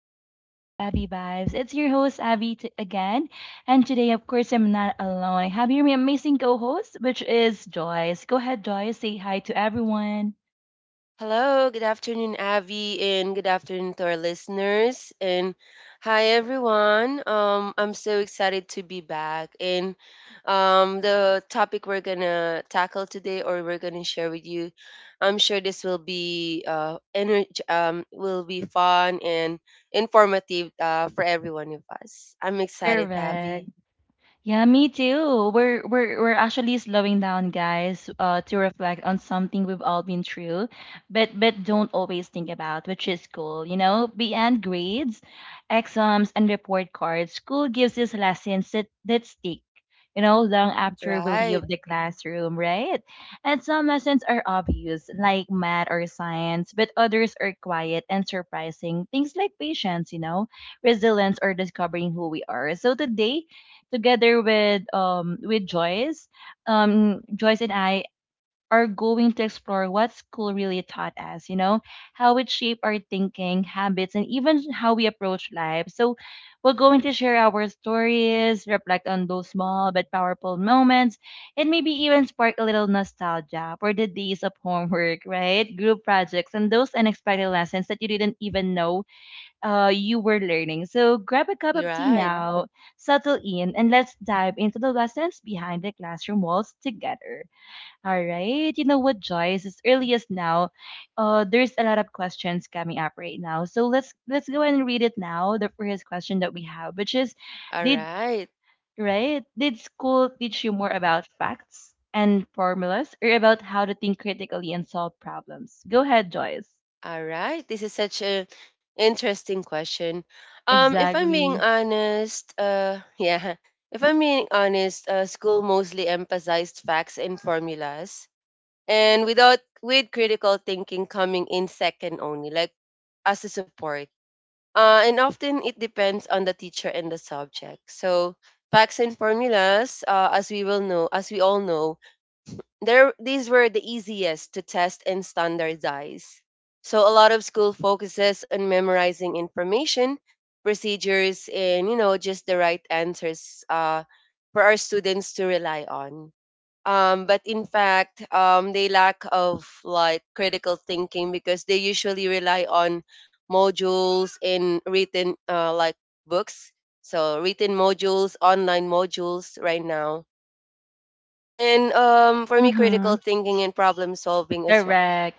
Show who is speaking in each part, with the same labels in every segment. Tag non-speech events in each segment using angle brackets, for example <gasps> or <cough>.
Speaker 1: welcome back to Abby Vibes. It's your host, Abby, again. And today, of course, I'm not alone. I have your amazing co host, which is Joyce. Go ahead, Joyce, say hi to everyone.
Speaker 2: Hello, good afternoon, Avi, and good afternoon to our listeners. And hi, everyone. I'm so excited to be back. And the topic we're gonna tackle today, or we're gonna share with you, I'm sure this will be energy, will be fun and informative for every one of us. I'm excited, Avi.
Speaker 1: Correct. Yeah, me too. We're actually slowing down, guys, to reflect on something we've all been through, but don't always think about, which is school. You know, beyond grades, exams, and report cards, school gives us lessons that stick. You know, long after we leave
Speaker 2: Right,
Speaker 1: the classroom, right? And some lessons are obvious, like math or science, but others are quiet and surprising. Things like patience, you know, resilience, or discovering who we are. So today together with Joyce, Joyce and I are going to explore what school really taught us, you know, how it shaped our thinking, habits, and even how we approach life. So we're going to share our stories, reflect on those small but powerful moments, and maybe even spark a little nostalgia for the days of homework, right? Group projects and those unexpected lessons that you didn't even know you were learning. So grab a cup
Speaker 2: you're
Speaker 1: of tea, yeah,
Speaker 2: right.
Speaker 1: now, settle in, and let's dive into the lessons behind the classroom walls together. All right. You know what, Joyce? As early as now, there's a lot of questions coming up right now. So let's go ahead and read it now. The first question that we have, which is,
Speaker 2: All
Speaker 1: did
Speaker 2: right.
Speaker 1: right? Did school teach you more about facts and formulas or about how to think critically and solve problems? Go ahead, Joyce.
Speaker 2: All right. This is such a interesting question. If I'm being
Speaker 1: Exactly.
Speaker 2: honest, <laughs> yeah, if I'm being honest, school mostly emphasized facts and formulas, and without with critical thinking coming in second only, like as a support. And often it depends on the teacher and the subject. So facts and formulas, as we will know, as we all know, there these were the easiest to test and standardize. So a lot of school focuses on memorizing information, procedures, and you know just the right answers for our students to rely on. But in fact, they lack of like critical thinking because they usually rely on modules in written like books. So written modules, online modules right now and for me critical
Speaker 1: Mm-hmm.
Speaker 2: thinking and problem solving as well.
Speaker 1: Correct.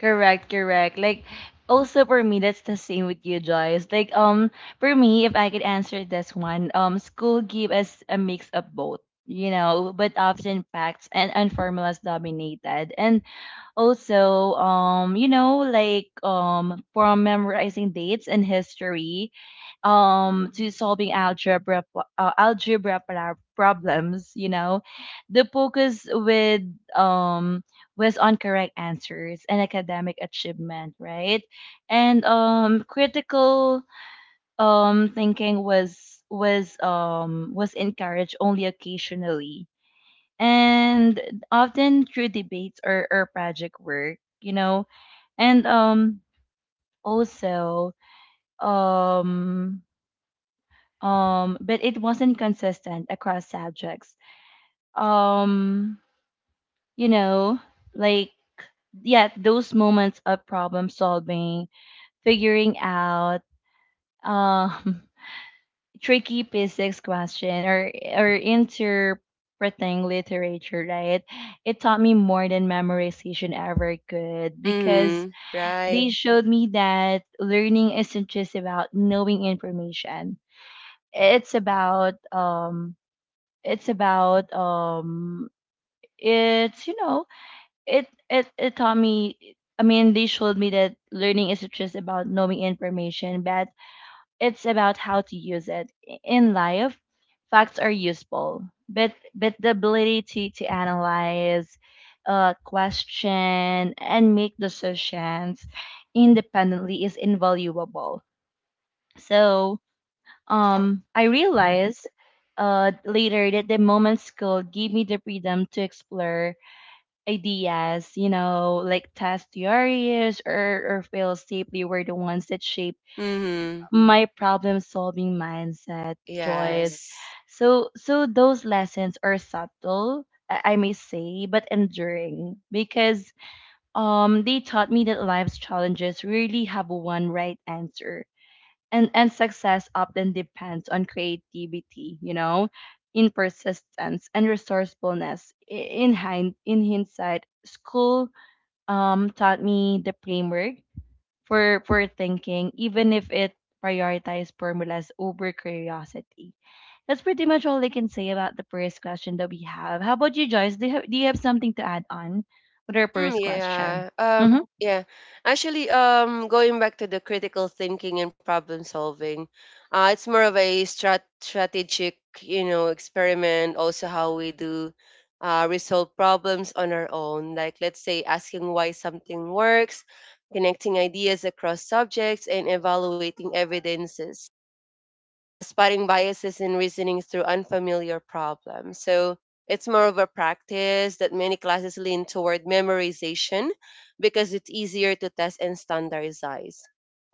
Speaker 1: Correct, correct. Like also for me that's the same with you, Joyce. Like for me, if I could answer this one, school give us a mix of both, you know, but often facts and unformalized dominated. And also, you know, like, from memorizing dates and history to solving algebra problems, you know, the focus with um was on correct answers and academic achievement, right? And critical thinking was encouraged only occasionally, and often through debates or project work, you know. And also, um but it wasn't consistent across subjects. um you know, like, yeah, those moments of problem solving, figuring out, um <laughs> tricky physics question or interpreting literature, right? It taught me more than memorization ever could because
Speaker 2: Mhm.
Speaker 1: they,
Speaker 2: Right.
Speaker 1: right, showed me that learning isn't just about knowing information. it's about um it's about um it's you know it it it taught me I mean, they showed me that learning isn't just about knowing information, but it's about how to use it in life. Facts are useful, but the ability to analyze, question, and make decisions independently is invaluable. So, I realized later that the moment school gave me the freedom to explore ideas, you know, like test theories or fail safely were the ones that shaped
Speaker 2: Mhm.
Speaker 1: my problem solving mindset, yes, Joyce.
Speaker 2: Yes.
Speaker 1: So those lessons are subtle, I may say, but enduring because they taught me that life's challenges really have one right answer, and success often depends on creativity, you know, in persistence and resourcefulness. In hindsight school taught me the framework for thinking, even if it prioritized formulas over curiosity. That's pretty much all I can say about the first question that we have. How about you, Joyce? Do you have something to add on with our
Speaker 2: mm
Speaker 1: first question?
Speaker 2: yeah um
Speaker 1: Mm-hmm.
Speaker 2: yeah actually, going back to the critical thinking and problem solving, it's more of a strategic you know experiment, also how we do resolve problems on our own, like let's say asking why something works, connecting ideas across subjects, and evaluating evidences, spotting biases in reasoning through unfamiliar problems. So it's more of a practice that many classes lean toward memorization because it's easier to test and standardize.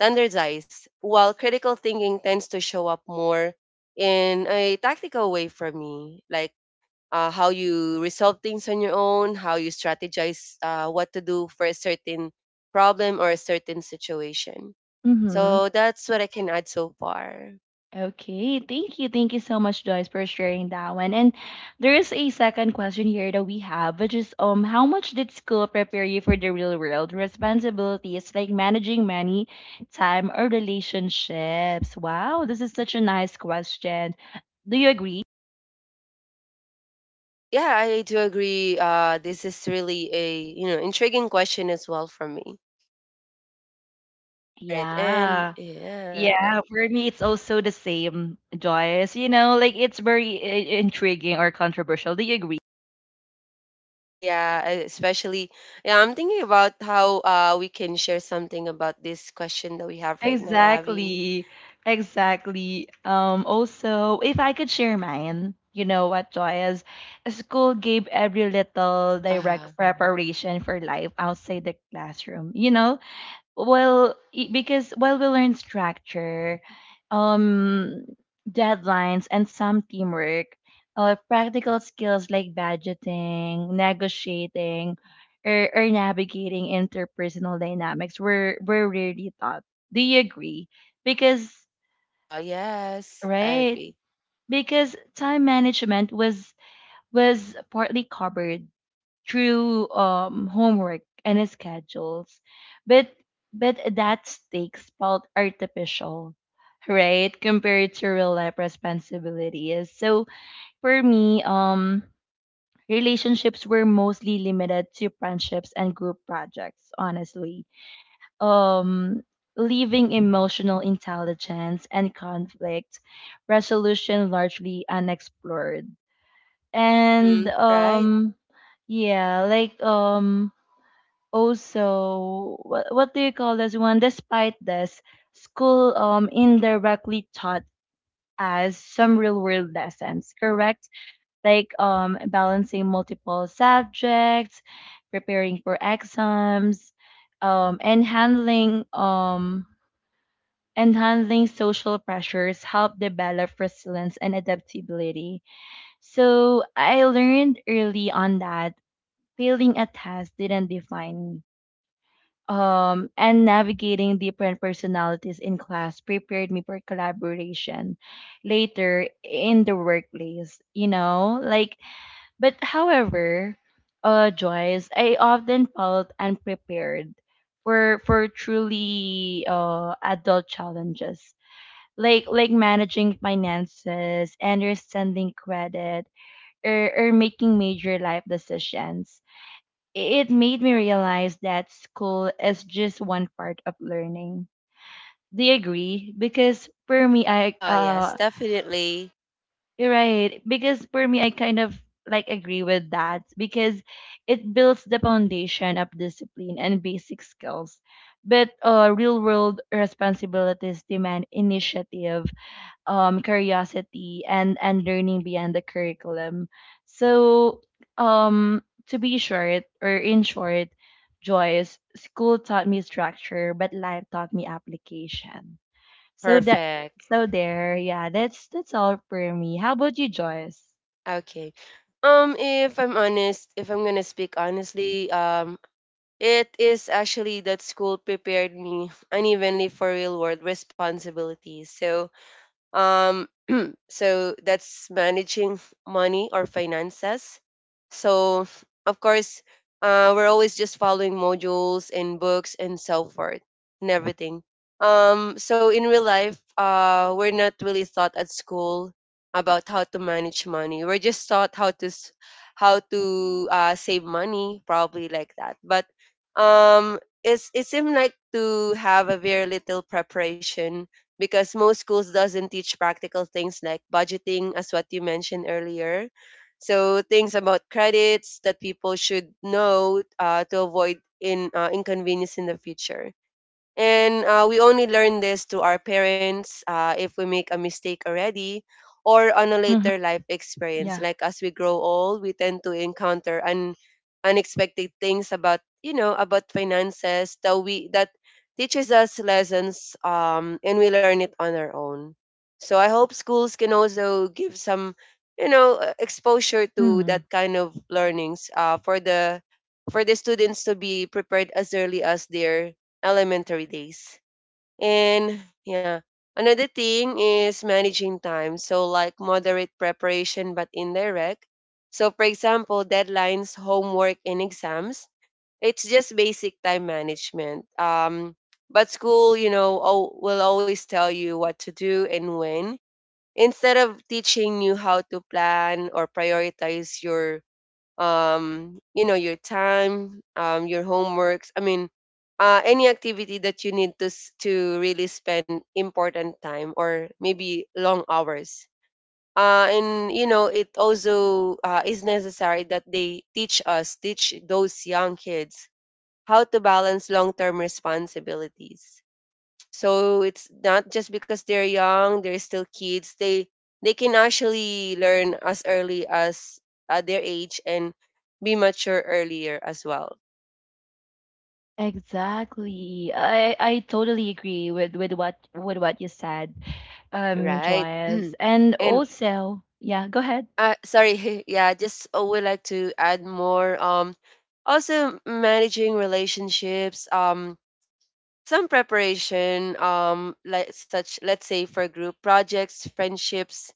Speaker 2: Standardize, while critical thinking tends to show up more in a tactical way for me, like how you resolve things on your own, how you strategize what to do for a certain problem or a certain situation.
Speaker 1: Mm-hmm.
Speaker 2: So that's what I can add so far.
Speaker 1: Okay, thank you. Thank you so much, Joyce, for sharing that one. And there is a second question here that we have, which is, how much did school prepare you for the real world responsibilities, like managing money, time, or relationships? Wow, this is such a nice question. Do you agree?
Speaker 2: Yeah, I do agree. This is really a you know intriguing question as well for me. All right, and
Speaker 1: Yeah.
Speaker 2: yeah,
Speaker 1: Yeah, for me it's also the same, Joyce. You know, like, it's very intriguing or controversial. Do you agree?
Speaker 2: yeah, especially yeah, I'm thinking about how we can share something about this question that we have right now, Abby.
Speaker 1: Exactly. Exactly. Also, if I could share mine, you know what, Joy is school gave every little
Speaker 2: Uh-huh.
Speaker 1: direct preparation for life outside the classroom. You know, well, because while we learn structure, um deadlines, and some teamwork, practical skills like budgeting, negotiating, or navigating interpersonal dynamics were rarely taught. Do you agree? Because,
Speaker 2: Yes, I
Speaker 1: right,
Speaker 2: agree.
Speaker 1: because time management was partly covered through, homework and schedules. But but that stakes felt artificial, right? Compared to real life responsibilities. So for me, relationships were mostly limited to friendships and group projects. Honestly, um. Leaving emotional intelligence and conflict resolution largely unexplored. And
Speaker 2: Mm-hmm, right.
Speaker 1: yeah, like, also, what do you call this one? Despite this, school indirectly taught us some real world lessons, correct? Like, balancing multiple subjects, preparing for exams, um and handling um and handling social pressures help develop resilience and adaptability. So I learned early on that failing a test didn't define me, and navigating different personalities in class prepared me for collaboration later in the workplace, you know? Like, but however, Joyce, I often felt unprepared for truly adult challenges. Like managing finances, understanding credit, or making major life decisions. It made me realize that school is just one part of learning. Do you agree? Because for me, I
Speaker 2: Yes, definitely.
Speaker 1: You're right. Because for me, I kind of like agree with that because it builds the foundation of discipline and basic skills. But real world responsibilities demand initiative, curiosity, and learning beyond the curriculum. So, um, to be short or in short, Joyce, school taught me structure, but life taught me application. So that
Speaker 2: Perfect.
Speaker 1: so there, yeah, that's all for me. How about you, Joyce?
Speaker 2: Okay. If I'm honest, if I'm gonna speak honestly, it is actually that school prepared me unevenly for real world responsibilities. So, um, so that's managing money or finances. So, of course, we're always just following modules and books and so forth and everything. So in real life, we're not really taught at school about how to manage money. We're just taught how to save money, probably like that. But it's it seemed like to have a very little preparation because most schools doesn't teach practical things like budgeting as what you mentioned earlier, so things about credits that people should know to avoid in inconvenience in the future, and we only learn this to our parents if we make a mistake already or on a
Speaker 1: Hmm.
Speaker 2: later life experience.
Speaker 1: Yeah.
Speaker 2: Like as we grow old, we tend to encounter unexpected things about, you know, about finances that we that teaches us lessons, and we learn it on our own. So I hope schools can also give some, you know, exposure to
Speaker 1: Hmm.
Speaker 2: that kind of learnings for the students to be prepared as early as their elementary days. And yeah, another thing is managing time. So, like moderate preparation but indirect. So, for example, deadlines, homework, and exams. It's just basic time management. But school, you know, will always tell you what to do and when, instead of teaching you how to plan or prioritize your you know, your time, your homeworks. I mean, any activity that you need to really spend important time or maybe long hours. And you know, it also is necessary that they teach us, teach those young kids how to balance long-term responsibilities, so it's not just because they're young, they're still kids. They can actually learn as early as at their age and be mature earlier as well,
Speaker 1: Exactly. I totally agree with what you said,
Speaker 2: right? <clears throat>
Speaker 1: Joyce. And
Speaker 2: And
Speaker 1: also, yeah, go ahead.
Speaker 2: sorry, <laughs> yeah, just would like to add more. Also managing relationships. Some preparation. Like such, let's say for group projects, friendships,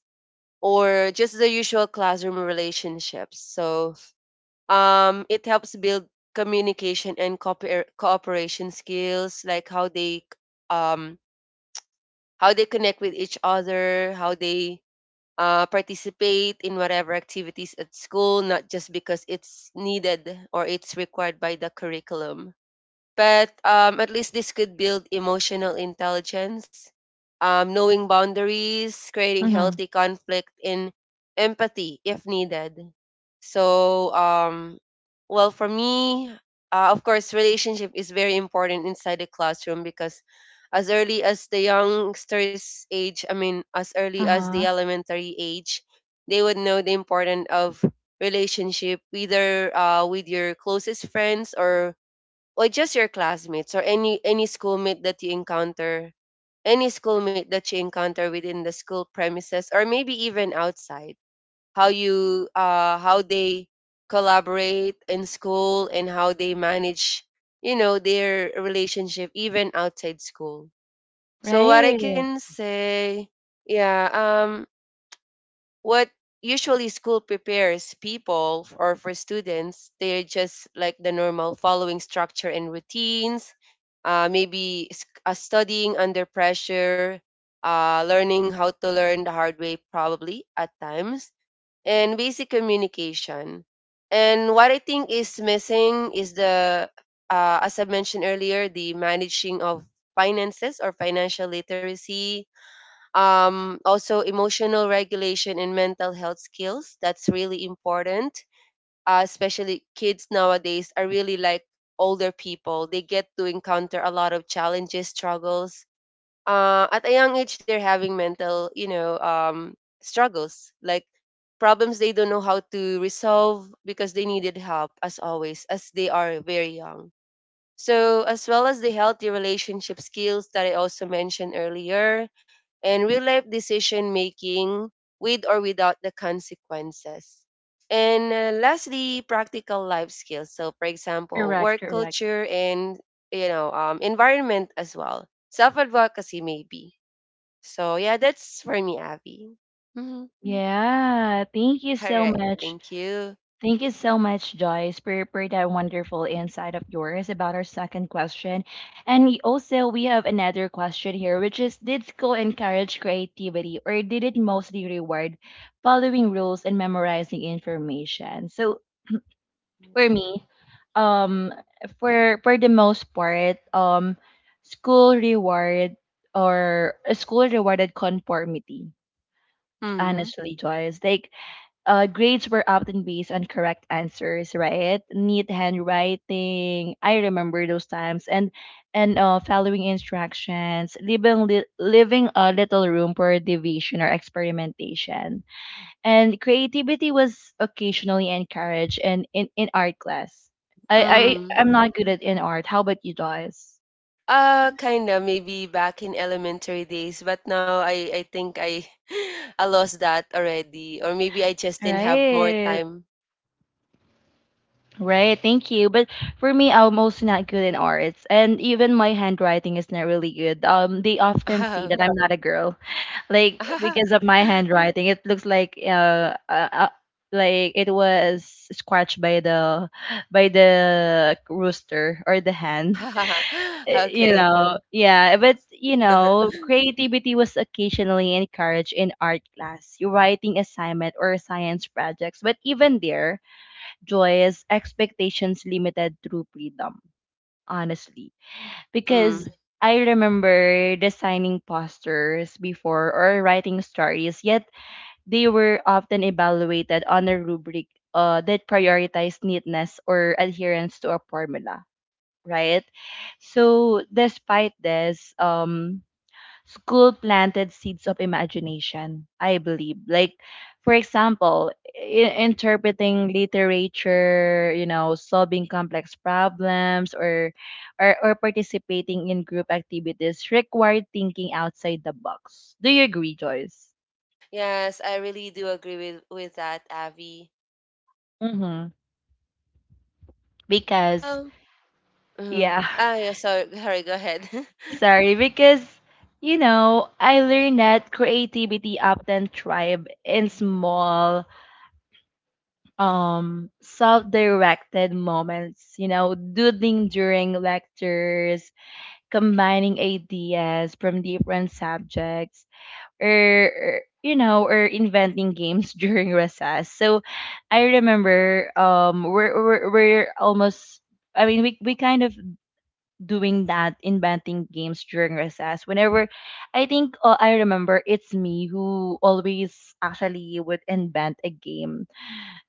Speaker 2: or just the usual classroom relationships. So it helps build communication and cooperation skills, like um, how they connect with each other, how they participate in whatever activities at school, not just because it's needed or it's required by the curriculum, but at least this could build emotional intelligence, knowing boundaries, creating
Speaker 1: Mm-hmm.
Speaker 2: healthy conflict, and empathy if needed. So, well, for me, of course, relationship is very important inside the classroom because as early as the youngsters' age, I mean, as early as the
Speaker 1: Uh-huh.
Speaker 2: elementary age, they would know the importance of relationship, either with your closest friends or just your classmates or any schoolmate that you encounter, within the school premises or maybe even outside, how you how they collaborate in school and how they manage, you know, their relationship even outside school. So what I
Speaker 1: Right.
Speaker 2: can say, yeah, what usually school prepares people f- or for students, they're just like the normal following structure and routines, maybe studying under pressure, learning how to learn the hard way probably at times, and basic communication. And what I think is missing is the, as I mentioned earlier, the managing of finances or financial literacy, also emotional regulation and mental health skills. That's really important. Especially kids nowadays are really like older people, they get to encounter a lot of challenges, struggles, at a young age they're having mental you know struggles, like problems they don't know how to resolve because they needed help as always as they are very young. So, as well as the healthy relationship skills that I also mentioned earlier, and real life decision making with or without the consequences. And lastly, practical life skills. So, for example,
Speaker 1: Correct,
Speaker 2: work
Speaker 1: correct.
Speaker 2: culture and you know environment as well. Self advocacy maybe. So yeah, that's for me, Abby. Mhm.
Speaker 1: Yeah. Thank you
Speaker 2: <laughs> All
Speaker 1: so
Speaker 2: right,
Speaker 1: much.
Speaker 2: thank you.
Speaker 1: Thank you so much, Joyce, for that wonderful insight of yours about our second question. And we also, we have another question here, which is, did school encourage creativity or did it mostly reward following rules and memorizing information? So for me, um, for the most part, school reward school rewarded conformity. Honestly, Joyce, like, grades were often based on correct answers, right? Neat handwriting. I remember those times, and following instructions, leaving leaving a little room for deviation or experimentation, and creativity was occasionally encouraged. And in art class, I am
Speaker 2: Mm-hmm.
Speaker 1: not good at in art. How about you, Joyce?
Speaker 2: Kinda maybe back in elementary days, but now I think I <laughs> I lost that already, or maybe I just didn't have more
Speaker 1: Right.
Speaker 2: time.
Speaker 1: Right, thank you. But for me, I'm also not good in arts, and even my handwriting is not really good. They often see that I'm
Speaker 2: <laughs>
Speaker 1: not a girl, like, because of my handwriting, it looks like it was scratched by the rooster or the hen. <laughs> You
Speaker 2: Okay.
Speaker 1: know, yeah. But, you
Speaker 2: <laughs>
Speaker 1: know, creativity was occasionally encouraged in art class, your writing assignment or science projects. But even there, Joy is expectations limited through freedom, honestly.
Speaker 2: Mm.
Speaker 1: Because I remember designing posters before or writing stories, yet they were often evaluated on a rubric that prioritized neatness or adherence to a formula, right? So, despite this, school planted seeds of imagination, I believe. Like, for example, interpreting literature, you know, solving complex problems, or participating in group activities required thinking outside the box. Do you agree, Joyce?
Speaker 2: Yes, I really do agree with that, Avi.
Speaker 1: Mm-hmm. Because,
Speaker 2: Um. Mhm.
Speaker 1: yeah, <laughs>
Speaker 2: Ah, yeah. Sorry, <laughs> sorry. Go ahead. <laughs>
Speaker 1: sorry, because, you know, I learned that creativity often thrive in small self-directed moments, you know, doodling during lectures, combining ideas from different subjects, or, you know or inventing games <laughs> during recess. So I remember, we're almost, I mean, we kind of doing that, inventing games during recess. Whenever I think, I remember it's me who always actually would invent a game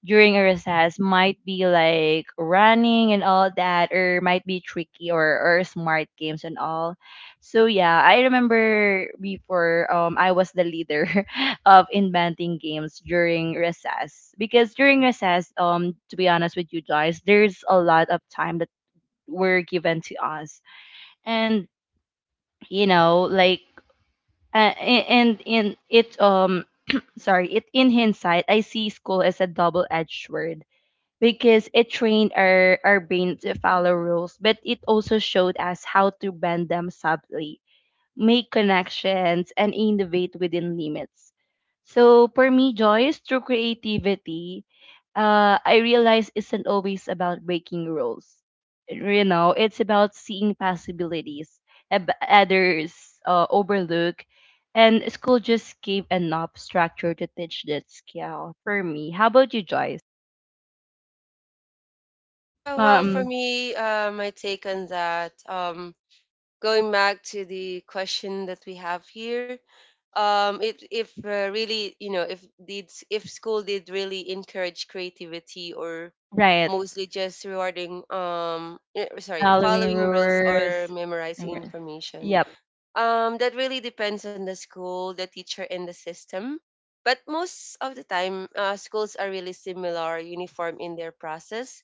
Speaker 1: during a recess, might be like running and all that, or might be tricky or smart games and all. So yeah, I remember before, I was the leader <laughs> of inventing games during recess, because during recess, to be honest with you guys, there's a lot of time that were given to us. And, you know, like, a- and in it <clears throat> sorry it in hindsight, I see school as a double-edged sword because it trained our brain to follow rules, but it also showed us how to bend them subtly, make connections, and innovate within limits. So for me, Joyce, through creativity, I realize isn't always about breaking rules. You know, it's about seeing possibilities others overlook, and school just gave enough structure to teach that skill for me. How about you, Joyce?
Speaker 2: Well, for
Speaker 1: Um,
Speaker 2: me, my take on that, going back to the question that we have here, if really you know if did if school did really encourage creativity or
Speaker 1: Right,
Speaker 2: mostly just rewarding sorry,
Speaker 1: following
Speaker 2: following rules or
Speaker 1: rules. and
Speaker 2: memorizing
Speaker 1: re-
Speaker 2: information,
Speaker 1: Yep.
Speaker 2: that really depends on the school, the teacher, and the system, but most of the time, schools are really similar, uniform in their process.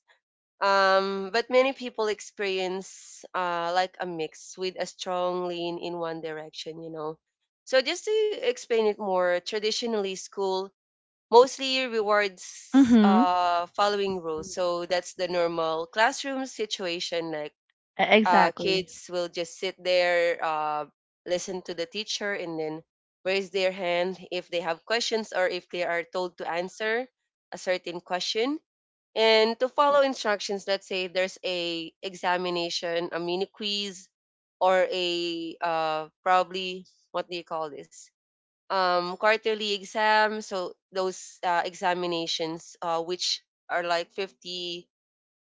Speaker 2: But many people experience like a mix with a strong lean in one direction, you know. So just to explain it more, traditionally school mostly rewards
Speaker 1: Mm-hmm.
Speaker 2: following rules. So that's the normal classroom situation. Like
Speaker 1: Exactly.
Speaker 2: kids will just sit there, listen to the teacher, and then raise their hand if they have questions or if they are told to answer a certain question and to follow instructions. Let's say there's a examination, a mini quiz, or a probably what do you call this, quarterly exam. So those examinations which are like 50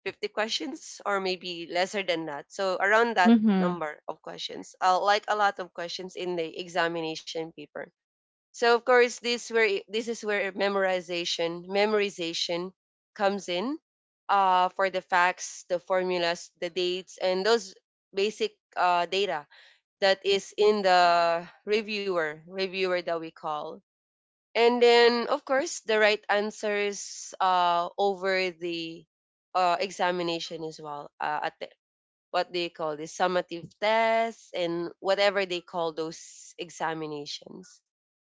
Speaker 2: questions or maybe lesser than that, so around that
Speaker 1: Mm-hmm.
Speaker 2: number of questions, like a lot of questions in the examination paper. So of course this is where memorization comes in, for the facts, the formulas, the dates, and those basic data that is in the reviewer that we call. And then of course the right answers over the examination as well at the, what they call the summative tests and whatever they call those examinations.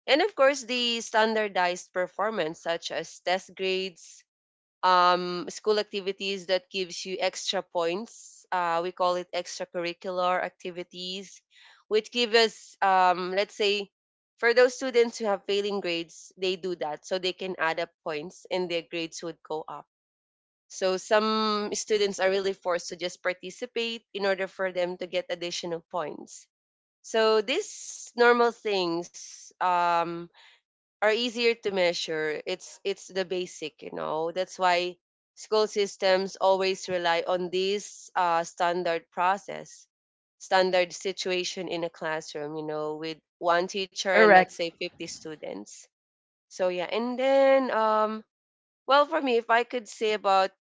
Speaker 2: And of course, the standardized performance, such as test grades, school activities that gives you extra points. We call it extracurricular activities, which give us, let's say, for those students who have failing grades, they do that so they can add up points and their grades would go up. So some students are really forced to just participate in order for them to get additional points. So these normal things are easier to measure. It's the basic, you know. That's why school systems always rely on this standard process, standard situation in a classroom, you know, with one teacher and let's
Speaker 1: Correct.
Speaker 2: say 50 students. So yeah, and then well for me, if I could say about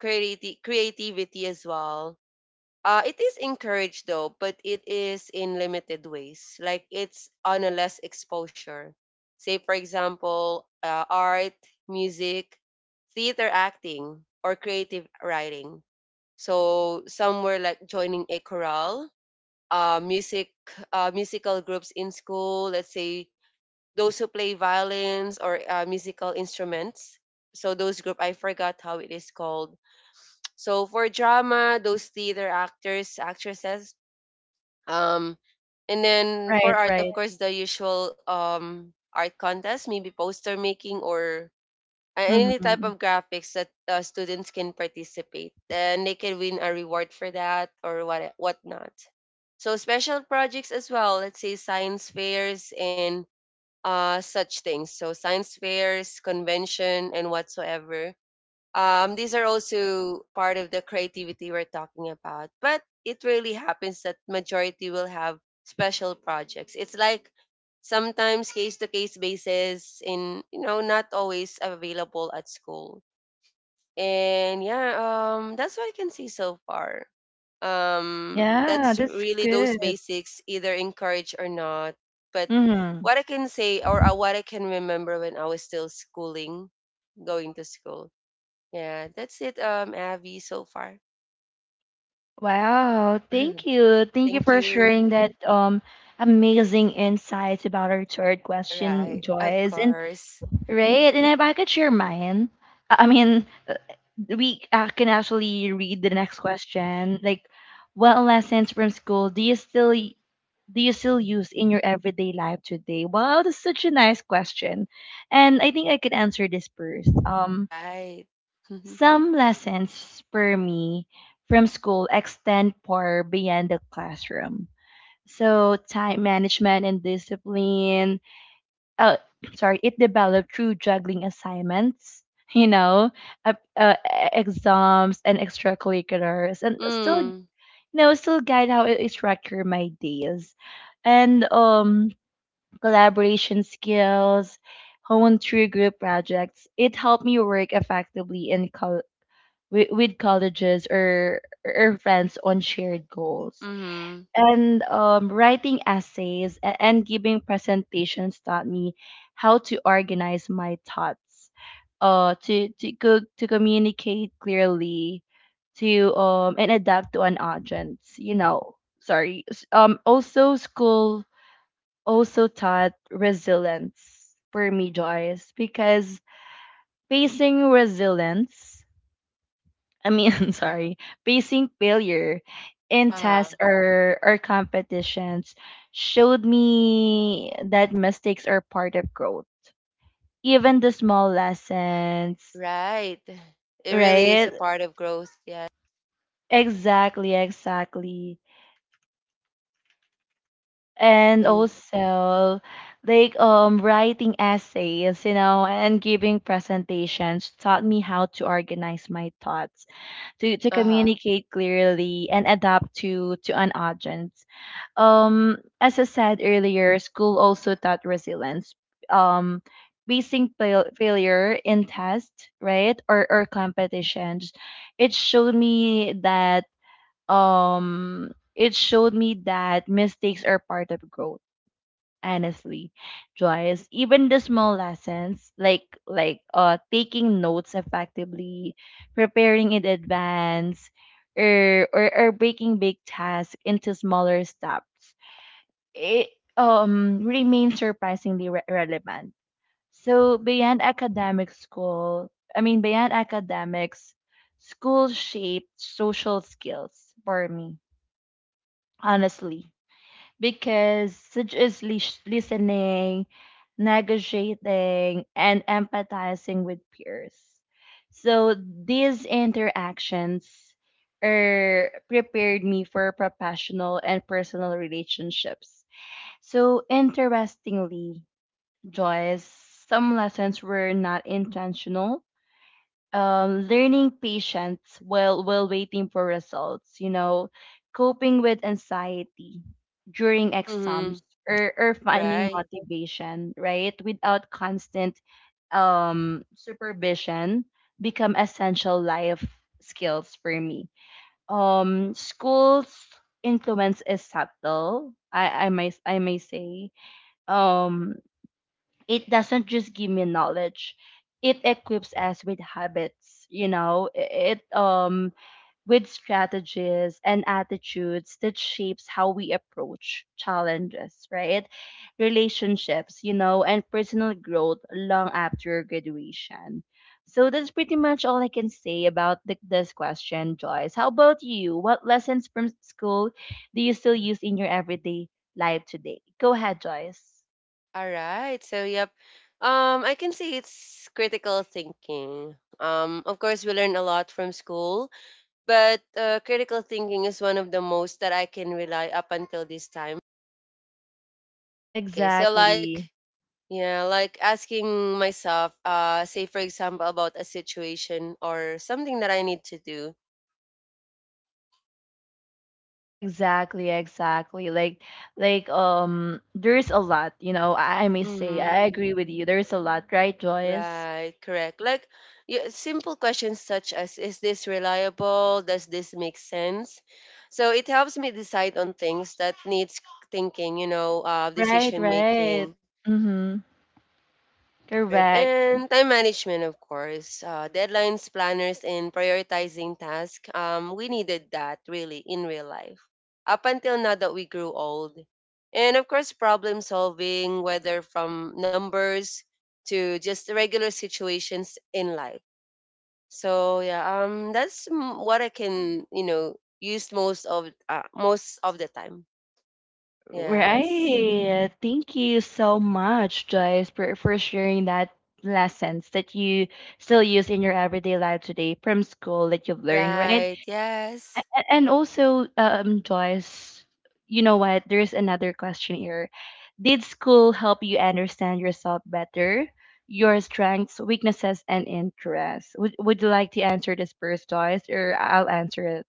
Speaker 2: creativity as well, it is encouraged though, but it is in limited ways. Like it's on a less exposure. Say, for example, art, music, theater acting, or creative writing. So somewhere like joining a chorale, music, musical groups in school. Let's say those who play violins or musical instruments. So those group, I forgot how it is called. So for drama, those theater actors, actresses um, and then for
Speaker 1: Right,
Speaker 2: art, of
Speaker 1: right.
Speaker 2: course, the usual art contest, maybe poster making or any type
Speaker 1: Mm-hmm.
Speaker 2: of graphics that students can participate, and they can win a reward for that or whatnot. So special projects as well, let's say science fairs and such things. So science fairs, convention, and whatsoever, these are also part of the creativity we're talking about, but it really happens that majority will have special projects. It's like sometimes case to case basis in, you know, not always available at school. And that's what I can see so far.
Speaker 1: Yeah,
Speaker 2: That's
Speaker 1: that's
Speaker 2: really those
Speaker 1: good.
Speaker 2: basics, either encouraged or not. But
Speaker 1: Mm-hmm.
Speaker 2: what I can say, or what I can remember when I was still schooling, going to school, yeah, that's it, Abby, so far.
Speaker 1: Wow, thank you.
Speaker 2: <clears throat>
Speaker 1: Thank you
Speaker 2: Thank
Speaker 1: for sharing
Speaker 2: you.
Speaker 1: that amazing insights about our third
Speaker 2: All
Speaker 1: question,
Speaker 2: right, of
Speaker 1: Joyce. And,
Speaker 2: course.
Speaker 1: right, and if I could share mine, I mean, we can actually read the next question. Like, what lessons from school do you still use in your everyday life today? Wow, that's such a nice question. And I think I could answer this first.
Speaker 2: Right. <laughs> mm,
Speaker 1: Some lessons spur me from school extend far beyond the classroom. So time management and discipline. Uh, Sorry, it developed through juggling assignments. <laughs> You know, uh, uh, Exams and extracurriculars, and still guide how I structure my days. And collaboration skills, honed through group projects. It helped me work effectively with colleges or friends on shared goals.
Speaker 2: mm-hmm.
Speaker 1: And writing essays and giving presentations taught me how to organize my thoughts, to communicate clearly, to and adapt to an audience. Sorry. Also school also taught resilience for me, Joyce, because facing resilience, I mean, <laughs> I'm sorry, facing failure in tests
Speaker 2: Uh-huh.
Speaker 1: or competitions showed me that mistakes are part of growth. Even the small lessons,
Speaker 2: Right. It really is a
Speaker 1: right?
Speaker 2: part of growth, yeah.
Speaker 1: Exactly, exactly. And
Speaker 2: And
Speaker 1: also, like writing essays, and giving presentations taught me how to organize my thoughts to
Speaker 2: uh-huh.
Speaker 1: communicate clearly and adapt to an audience. As I said earlier, school also taught resilience. um Facing failure in tests, right? Or competitions, it showed me that mistakes are part of growth. Honestly, Joyce, even the small lessons, like taking notes effectively, preparing in advance, or breaking big tasks into smaller steps, it remains surprisingly relevant. So beyond academic school, I mean, beyond academics, school shaped social skills for me, honestly, because such as listening, negotiating, and empathizing with peers. So these interactions, prepared me for professional and personal relationships. So interestingly, Joyce, some lessons were not intentional. Learning patience while waiting for results, coping with anxiety during
Speaker 2: Mm-hmm.
Speaker 1: exams, or finding
Speaker 2: Right.
Speaker 1: motivation, right? Without constant supervision become essential life skills for me. School's influence is subtle, I may say. Um it doesn't just give me knowledge. It equips us with habits, you know it with strategies and attitudes that shapes how we approach challenges, right? Relationships, and personal growth long after graduation. So that's pretty much all I can say about this question, Joyce. How about you? What lessons from school do you still use in your everyday life today? Go ahead, Joyce.
Speaker 2: All right. So yep. I can see it's critical thinking. Of course, we learn a lot from school, but critical thinking is one of the most that I can rely up until this time. Okay, so
Speaker 1: Exactly.
Speaker 2: like, yeah, like asking myself, say, for example, about a situation or something that I need to do.
Speaker 1: Exactly, exactly. Like, there's a lot, I may say,
Speaker 2: Mm-hmm.
Speaker 1: I agree with you. There's a lot, right, Joyce?
Speaker 2: Right, correct. Like, yeah, simple questions such as, is this reliable? Does this make sense? So it helps me decide on things that needs thinking, you know,
Speaker 1: Right,
Speaker 2: decision
Speaker 1: right.
Speaker 2: making.
Speaker 1: Mm-hmm.
Speaker 2: All right.
Speaker 1: Correct.
Speaker 2: And time management, of course, deadlines, planners, and prioritizing tasks. We needed that really in real life. Up until now that we grew old. And of course, problem solving, whether from numbers to just regular situations in life. So yeah, that's what I can, you know, use most of the time. Yes.
Speaker 1: Right. Thank you so much, Joyce, for sharing that lessons that you still use in your everyday life today from school that you've learned, right?
Speaker 2: Right.
Speaker 1: A-
Speaker 2: Yes.
Speaker 1: a- And also, Joyce, you know what? There's another question here. Did school help you understand yourself better, your strengths, weaknesses, and interests? Would you like to answer this first, Joyce, or I'll answer it?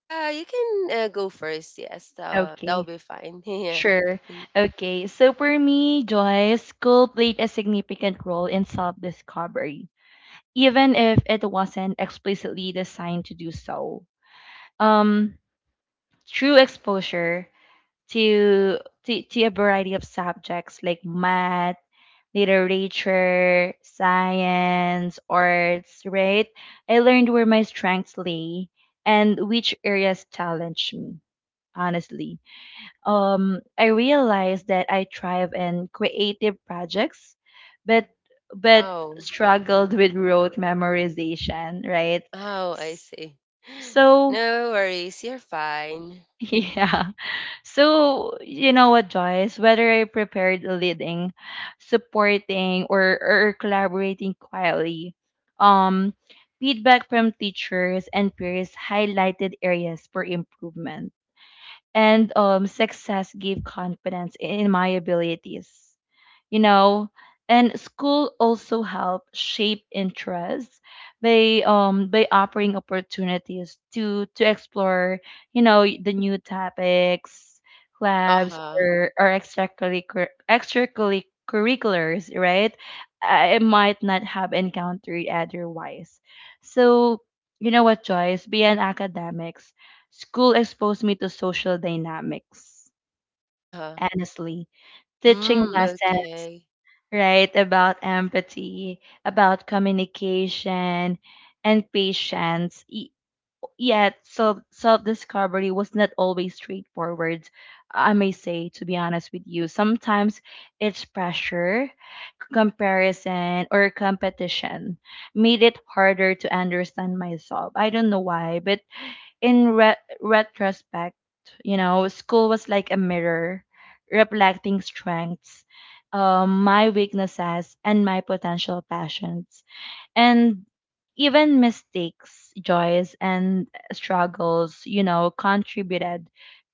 Speaker 2: You can, go first. Yes, that'll
Speaker 1: Okay.
Speaker 2: be fine. <laughs> Yeah.
Speaker 1: Sure.
Speaker 2: Thank
Speaker 1: Okay. So for me, Joyce, school played a significant role in self-discovery, even if it wasn't explicitly designed to do so. Um, Through exposure, to to a variety of subjects like math, literature, science, arts, right? I learned where my strengths lay and which areas challenged me, honestly. I realized that I thrive in creative projects, but but
Speaker 2: Wow.
Speaker 1: struggled with rote memorization, right?
Speaker 2: Oh, I
Speaker 1: S-
Speaker 2: see. <gasps> <laughs>
Speaker 1: So,
Speaker 2: No worries. You're fine.
Speaker 1: <laughs> yeah. So, you know what, Joyce? Whether I prepared leading, supporting, or collaborating quietly, um, feedback from teachers and peers highlighted areas for improvement. And success gave confidence in my abilities, you know and school also help shape interests by offering opportunities to explore, the new topics, labs,
Speaker 2: Uh-huh.
Speaker 1: or extracurriculars, right? I might not have encountered otherwise. So, you know what, Joyce? Beyond academics, school exposed me to social dynamics,
Speaker 2: Uh-huh.
Speaker 1: honestly, teaching
Speaker 2: Mm,
Speaker 1: lessons,
Speaker 2: okay.
Speaker 1: right? About empathy, about communication, and patience. Yet, self discovery was not always straightforward. I may say, to be honest with you, sometimes it's pressure, comparison, or competition made it harder to understand myself. I don't know why, but in retrospect, school was like a mirror reflecting strengths, my weaknesses, and my potential passions. And even mistakes, joys, and struggles, contributed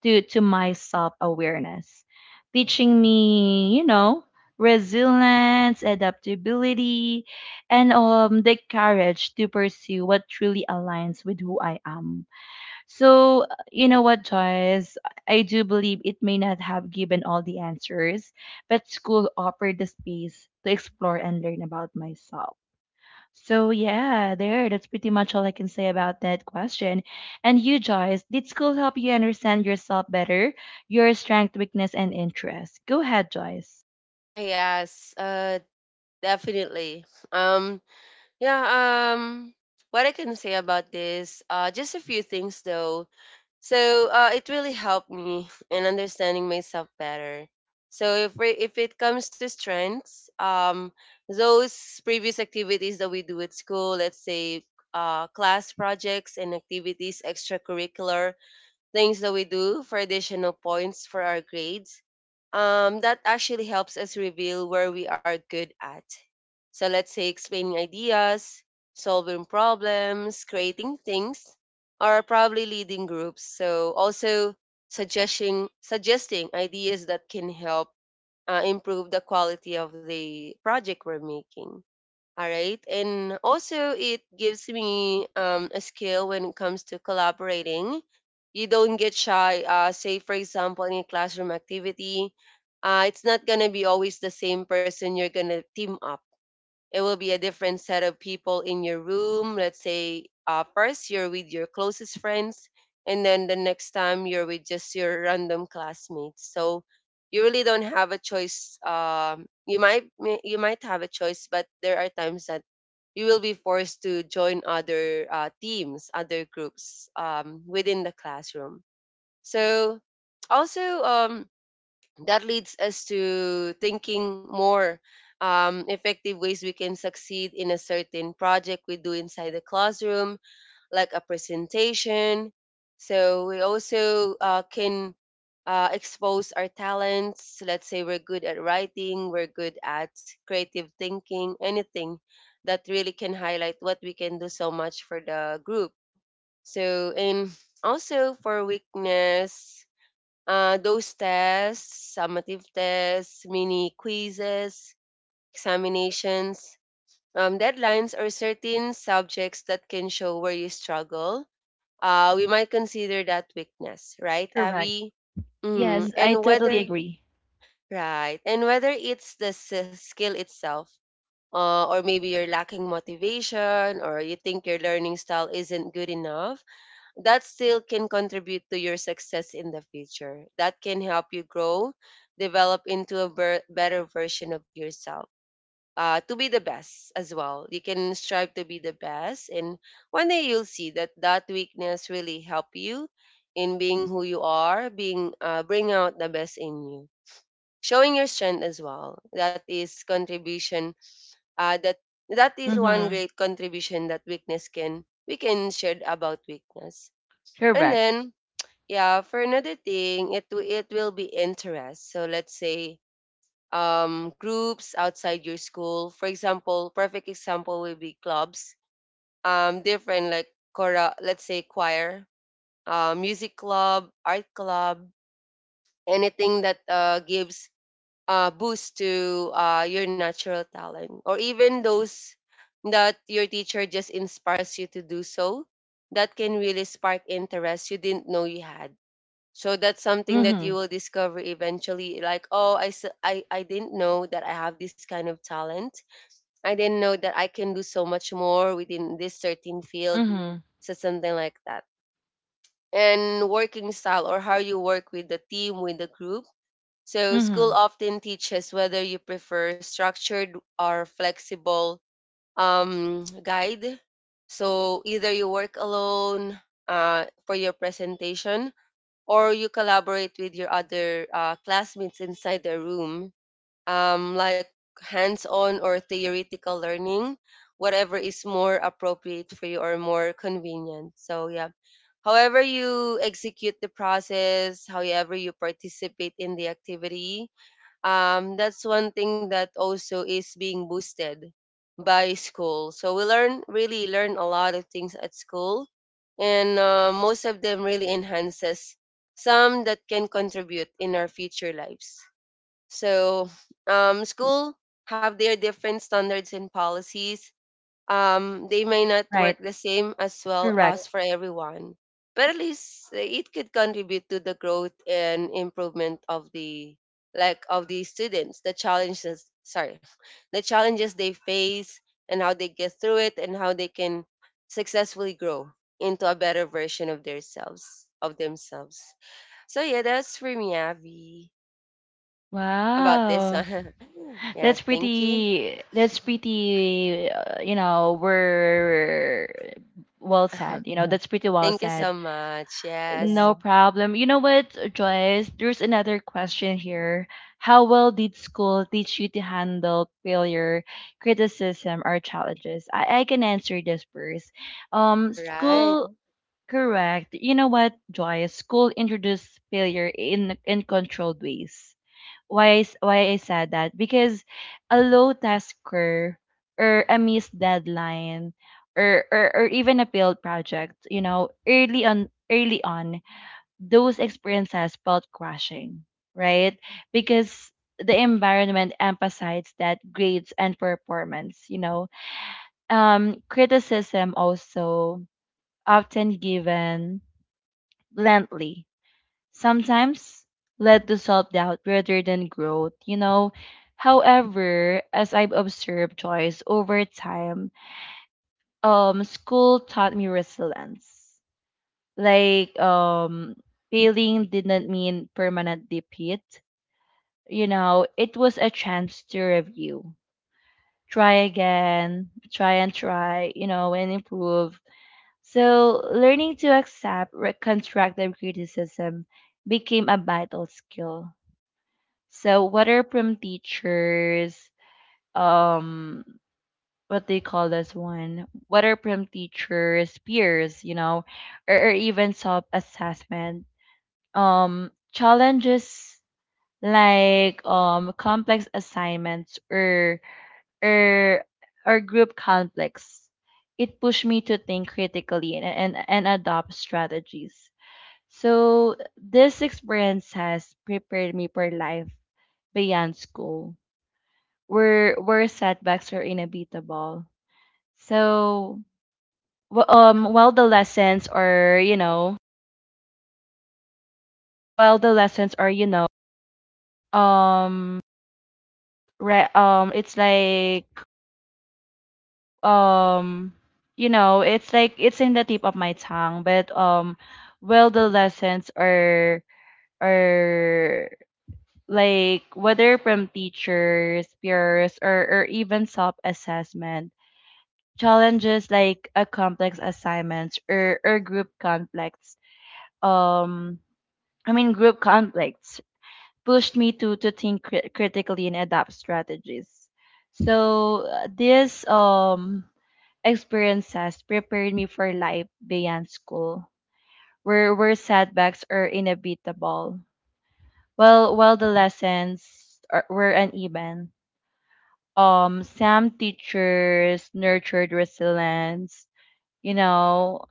Speaker 1: to my self awareness, teaching me, resilience, adaptability, and the courage to pursue what truly aligns with who I am. So, you know what, Joyce? I do believe it may not have given all the answers, but school offered the space to explore and learn about myself. So, yeah, there, that's pretty much all I can say about that question. And you, Joyce, did school help you understand yourself better, your strength, weakness, and interests? Go ahead, Joyce.
Speaker 2: Yes, definitely. Um, yeah, what I can say about this, just a few things though. So it really helped me in understanding myself better. If it comes to strengths, those previous activities that we do at school, let's say class projects and activities, extracurricular, things that we do for additional points for our grades. That actually helps us reveal where we are good at. So let's say explaining ideas, solving problems, creating things, or probably leading groups. So also suggesting ideas that can help improve the quality of the project we're making. All right. And also, it gives me a skill when it comes to collaborating. You don't get shy. Say, for example, in a classroom activity, it's not going to be always the same person you're going to team up. It will be a different set of people in your room. Let's say, first, you're with your closest friends, and then the next time, you're with just your random classmates. So, you really don't have a choice. You might have a choice, but there are times that you will be forced to join other teams, other groups, within the classroom. So, also, that leads us to thinking more effective ways we can succeed in a certain project we do inside the classroom, like a presentation. So we also can expose our talents. Let's say we're good at writing, we're good at creative thinking, anything that really can highlight what we can do so much for the group. So, and also for weakness, those tests, summative tests, mini quizzes, examinations, deadlines, or certain subjects that can show where you struggle, we might consider that weakness, right,
Speaker 1: Correct. Mm,
Speaker 2: Abby? Mm,
Speaker 1: yes, I
Speaker 2: and
Speaker 1: totally
Speaker 2: whether
Speaker 1: agree.
Speaker 2: Right, and whether it's the skill itself, or maybe you're lacking motivation, or you think your learning style isn't good enough, that still can contribute to your success in the future. That can help you grow, develop into a better version of yourself, to be the best as well. You can strive to be the best, and one day you'll see that that weakness really help you in being who you are, being, bring out the best in you, showing your strength as well. That is contribution. Uh, that that is
Speaker 1: Mm-hmm.
Speaker 2: one great contribution that weakness can we can share about weakness, and then yeah, for another thing, it will be interest. So let's say groups outside your school. For example, perfect example will be clubs. Different like chora, let's say choir, music club, art club, anything that gives boost to your natural talent, or even those that your teacher just inspires you to do so. That can really spark interest you didn't know you had. So that's something that you will discover eventually, like, oh, I didn't know that I have this kind of talent. I didn't know that I can do so much more within this certain field,
Speaker 1: Mm-hmm.
Speaker 2: so something like that. And working style, or how you work with the team, with the group. So school
Speaker 1: Mm-hmm.
Speaker 2: often teaches whether you prefer structured or flexible guide. So either you work alone for your presentation, or you collaborate with your other classmates inside the room, like hands on or theoretical learning, whatever is more appropriate for you or more convenient. So, yeah. However you execute the process, however you participate in the activity, that's one thing that also is being boosted by school. So we learn really learn a lot of things at school, and most of them really enhances some that can contribute in our future lives. So school have their different standards and policies, they may not work
Speaker 1: Right.
Speaker 2: the same as well as
Speaker 1: Correct.
Speaker 2: for everyone, but at least it could contribute to the growth and improvement of the like of the students, the challenges, sorry, <laughs> the challenges they face and how they get through it, and how they can successfully grow into a better version of themselves. So yeah, that's for me, Abby, about this
Speaker 1: Wow.
Speaker 2: one. <laughs> Yeah,
Speaker 1: That's
Speaker 2: thank you.
Speaker 1: pretty. That's pretty. We're well
Speaker 2: <laughs>
Speaker 1: said. Yeah. That's pretty well
Speaker 2: Thank you
Speaker 1: said.
Speaker 2: so much. Yes.
Speaker 1: No, yeah, problem. You know what, Joyce? There's another question here. How well did school teach you to handle failure, criticism, or challenges? I can answer this first.
Speaker 2: All right.
Speaker 1: School. Yeah. Correct. You know what, Joyce? School introduced failure in controlled ways. Why I said that, because a low tasker or a missed deadline, or even a failed project, early on, those experiences felt crushing, right? Because the environment emphasized that grades and performance. Criticism also often given bluntly sometimes led to self doubt rather than growth. However, as I've observed choice over time, school taught me resilience. Like, failing didn't mean permanent defeat. It was a chance to review, try again, try and try, and improve. So, learning to accept constructive criticism became a vital skill. So what are prom teachers, um what they call this one? What are prom teachers peers, or even self assessment, challenges like complex assignments or or group conflicts. It pushed me to think critically and adopt strategies. So this experience has prepared me for life beyond school, where setbacks are inevitable. So while the lessons are, while the lessons are, um it's like, um it's like, it's in the tip of my tongue, but while the lessons are like, whether from teachers, peers, or even self assessment, challenges like a complex assignments, or group conflicts, um I mean, group conflicts, pushed me to think critically and adapt strategies. So, this experiences prepared me for life beyond school, where setbacks are inevitable. Well, while the lessons were uneven, some teachers nurtured resilience, you know,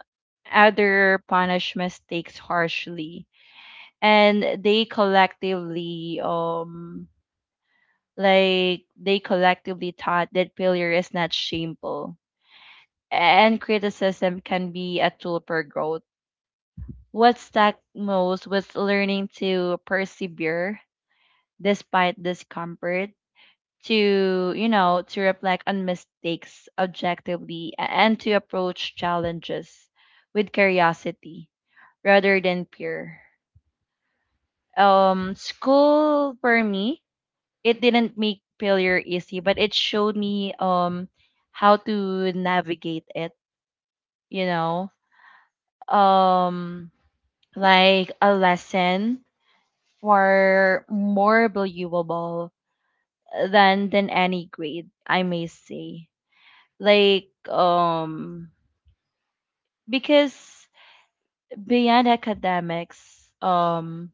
Speaker 1: other punish mistakes harshly. And they collectively, like, they collectively taught that failure is not shameful and criticism can be a tool for growth. What stuck most was learning to persevere despite discomfort, to reflect on mistakes objectively, and to approach challenges with curiosity rather than peer. School for me, it didn't make failure easy, but it showed me, how to navigate it. You know, um, like a lesson for more believable than any grade, I may say. Like, because beyond academics,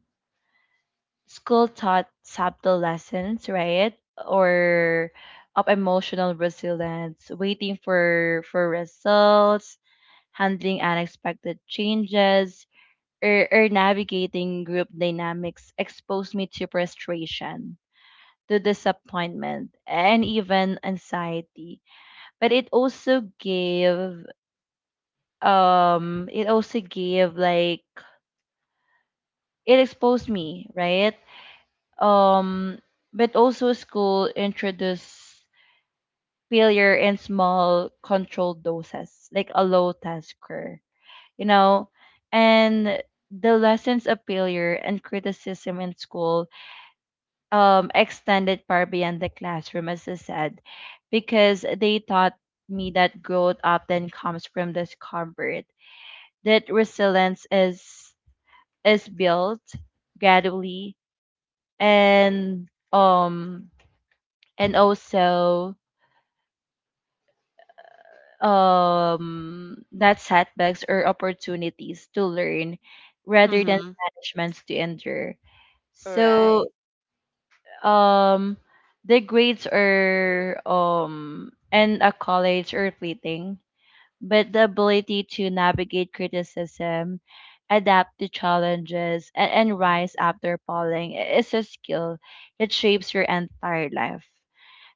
Speaker 1: school taught subtle lessons, right? Or of emotional resilience, waiting for results, handling unexpected changes, or navigating group dynamics exposed me to frustration, to disappointment, and even anxiety. But it also gave, like, it exposed me, right? Um, but also school introduce failure in small controlled doses, like a low tasker, you know, and the lessons of failure and criticism in school, extended far beyond the classroom, as I said, because they taught me that growth often comes from discomfort, that resilience is built gradually, and um also not setbacks or opportunities to learn rather than
Speaker 2: Mm-hmm.
Speaker 1: punishments to endure. So
Speaker 2: Right,
Speaker 1: um the grades are and accolades are fleeting, but the ability to navigate criticism, adapt to challenges, and rise after falling is a skill that shapes your entire life.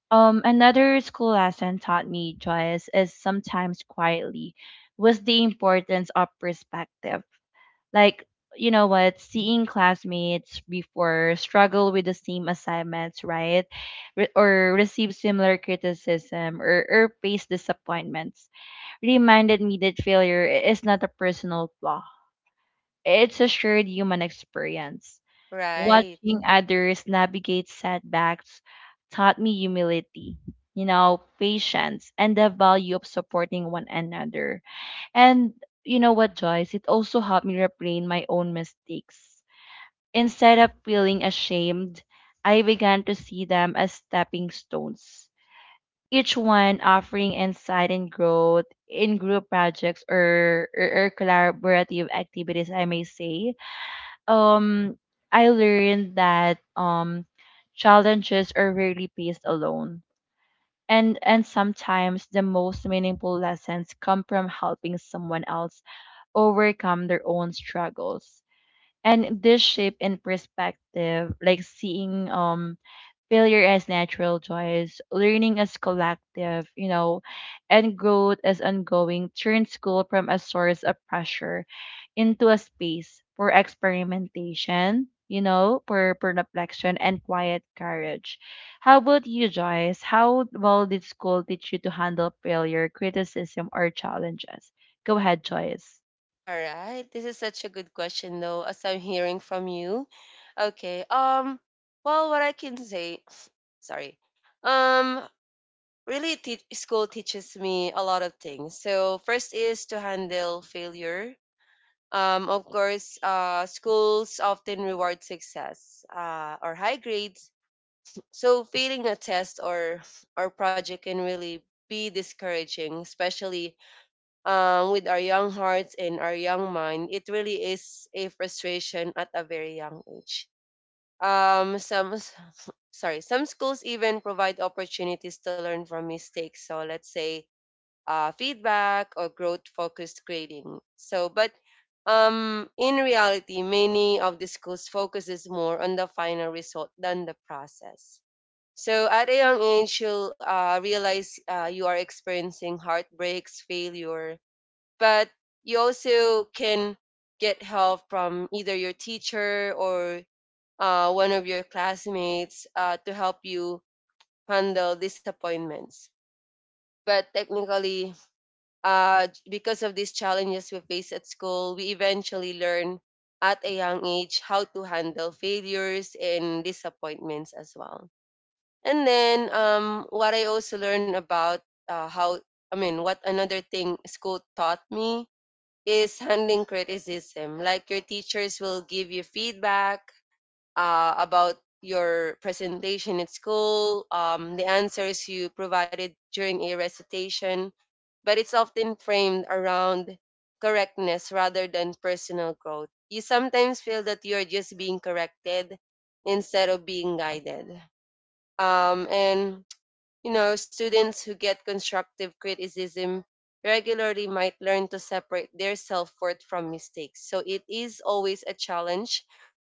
Speaker 1: Another school lesson taught me, Joyce, is sometimes quietly, was the importance of perspective. Like, you know what, seeing classmates before struggle with the same assignments, right? Or receive similar criticism, or face disappointments reminded me that failure is not a personal flaw, it's a shared human experience.
Speaker 2: right.
Speaker 1: Watching others navigate setbacks taught me humility, patience, and the value of supporting one another. And you know what, Joyce? It also helped me refrain my own mistakes. Instead of feeling ashamed, I began to see them as stepping stones, each one offering insight and growth in group projects or collaborative activities, I may say. um I learned that challenges are rarely faced alone. And sometimes the most meaningful lessons come from helping someone else overcome their own struggles. And this shape in perspective, like seeing failure as natural joys, learning as collective, you know, and growth as ongoing turns school from a source of pressure into a space for experimentation, for reflection and quiet courage. How about you, Joyce? How well did school teach you to handle failure, criticism, or challenges? Go ahead, Joyce.
Speaker 2: All right. This is such a good question though, as I'm hearing from you. Okay. Well, what I can say, <sniffs> sorry. Um, School teaches me a lot of things. So, first is to handle failure. Of course, schools often reward success, or high grades. So, failing a test or project can really be discouraging, especially with our young hearts and our young mind, it really is a frustration at a very young age. Um, some s- some schools even provide opportunities to learn from mistakes. So let's say feedback or growth-focused grading. But in reality, many of the schools focuses more on the final result than the process. So at a young age, you'll realize you are experiencing heartbreaks, failure, but you also can get help from either your teacher or one of your classmates to help you handle disappointments. But technically, because of these challenges we face at school, we eventually learn at a young age how to handle failures and disappointments as well. And then What I also learned about, uh, how, what another thing school taught me is handling criticism. Like your teachers will give you feedback about your presentation at school, the answers you provided during a recitation, but it's often framed around correctness rather than personal growth. You sometimes feel that you're just being corrected instead of being guided. And You know, students who get constructive criticism regularly might learn to separate their self worth from mistakes. So it is always a challenge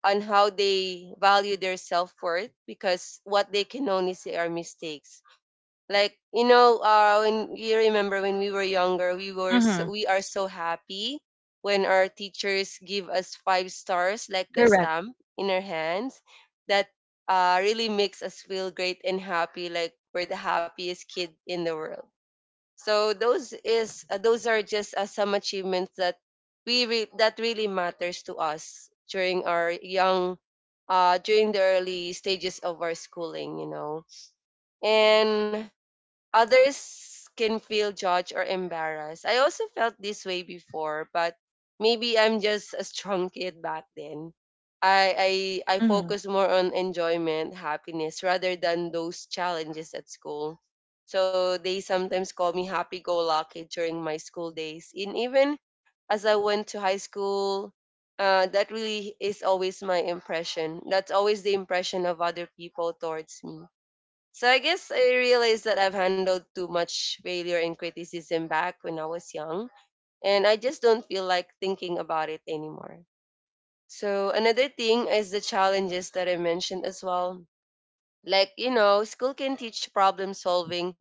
Speaker 2: on how they value their self worth because what they can only see are mistakes. When you remember when we were younger,
Speaker 1: Mm-hmm.
Speaker 2: we are so happy when our teachers give us five stars like the
Speaker 1: Correct.
Speaker 2: stamp in our hands that really makes us feel great and happy, like we're the happiest kid in the world. So those are just some achievements that that really matters to us during our young, during the early stages of our schooling, you know. And others can feel judged or embarrassed. I also felt this way before, but maybe I'm just a strong kid back then. I
Speaker 1: Mm-hmm.
Speaker 2: focus more on enjoyment, happiness rather than those challenges at school. So they sometimes call me happy go lucky during my school days. And even as I went to high school, that really is always my impression. That's always the impression of other people towards me, so I guess I realized that I've handled too much failure and criticism back when I was young, and I just don't feel like thinking about it anymore. So another thing is the challenges that I mentioned as well. Like, you know, school can teach problem solving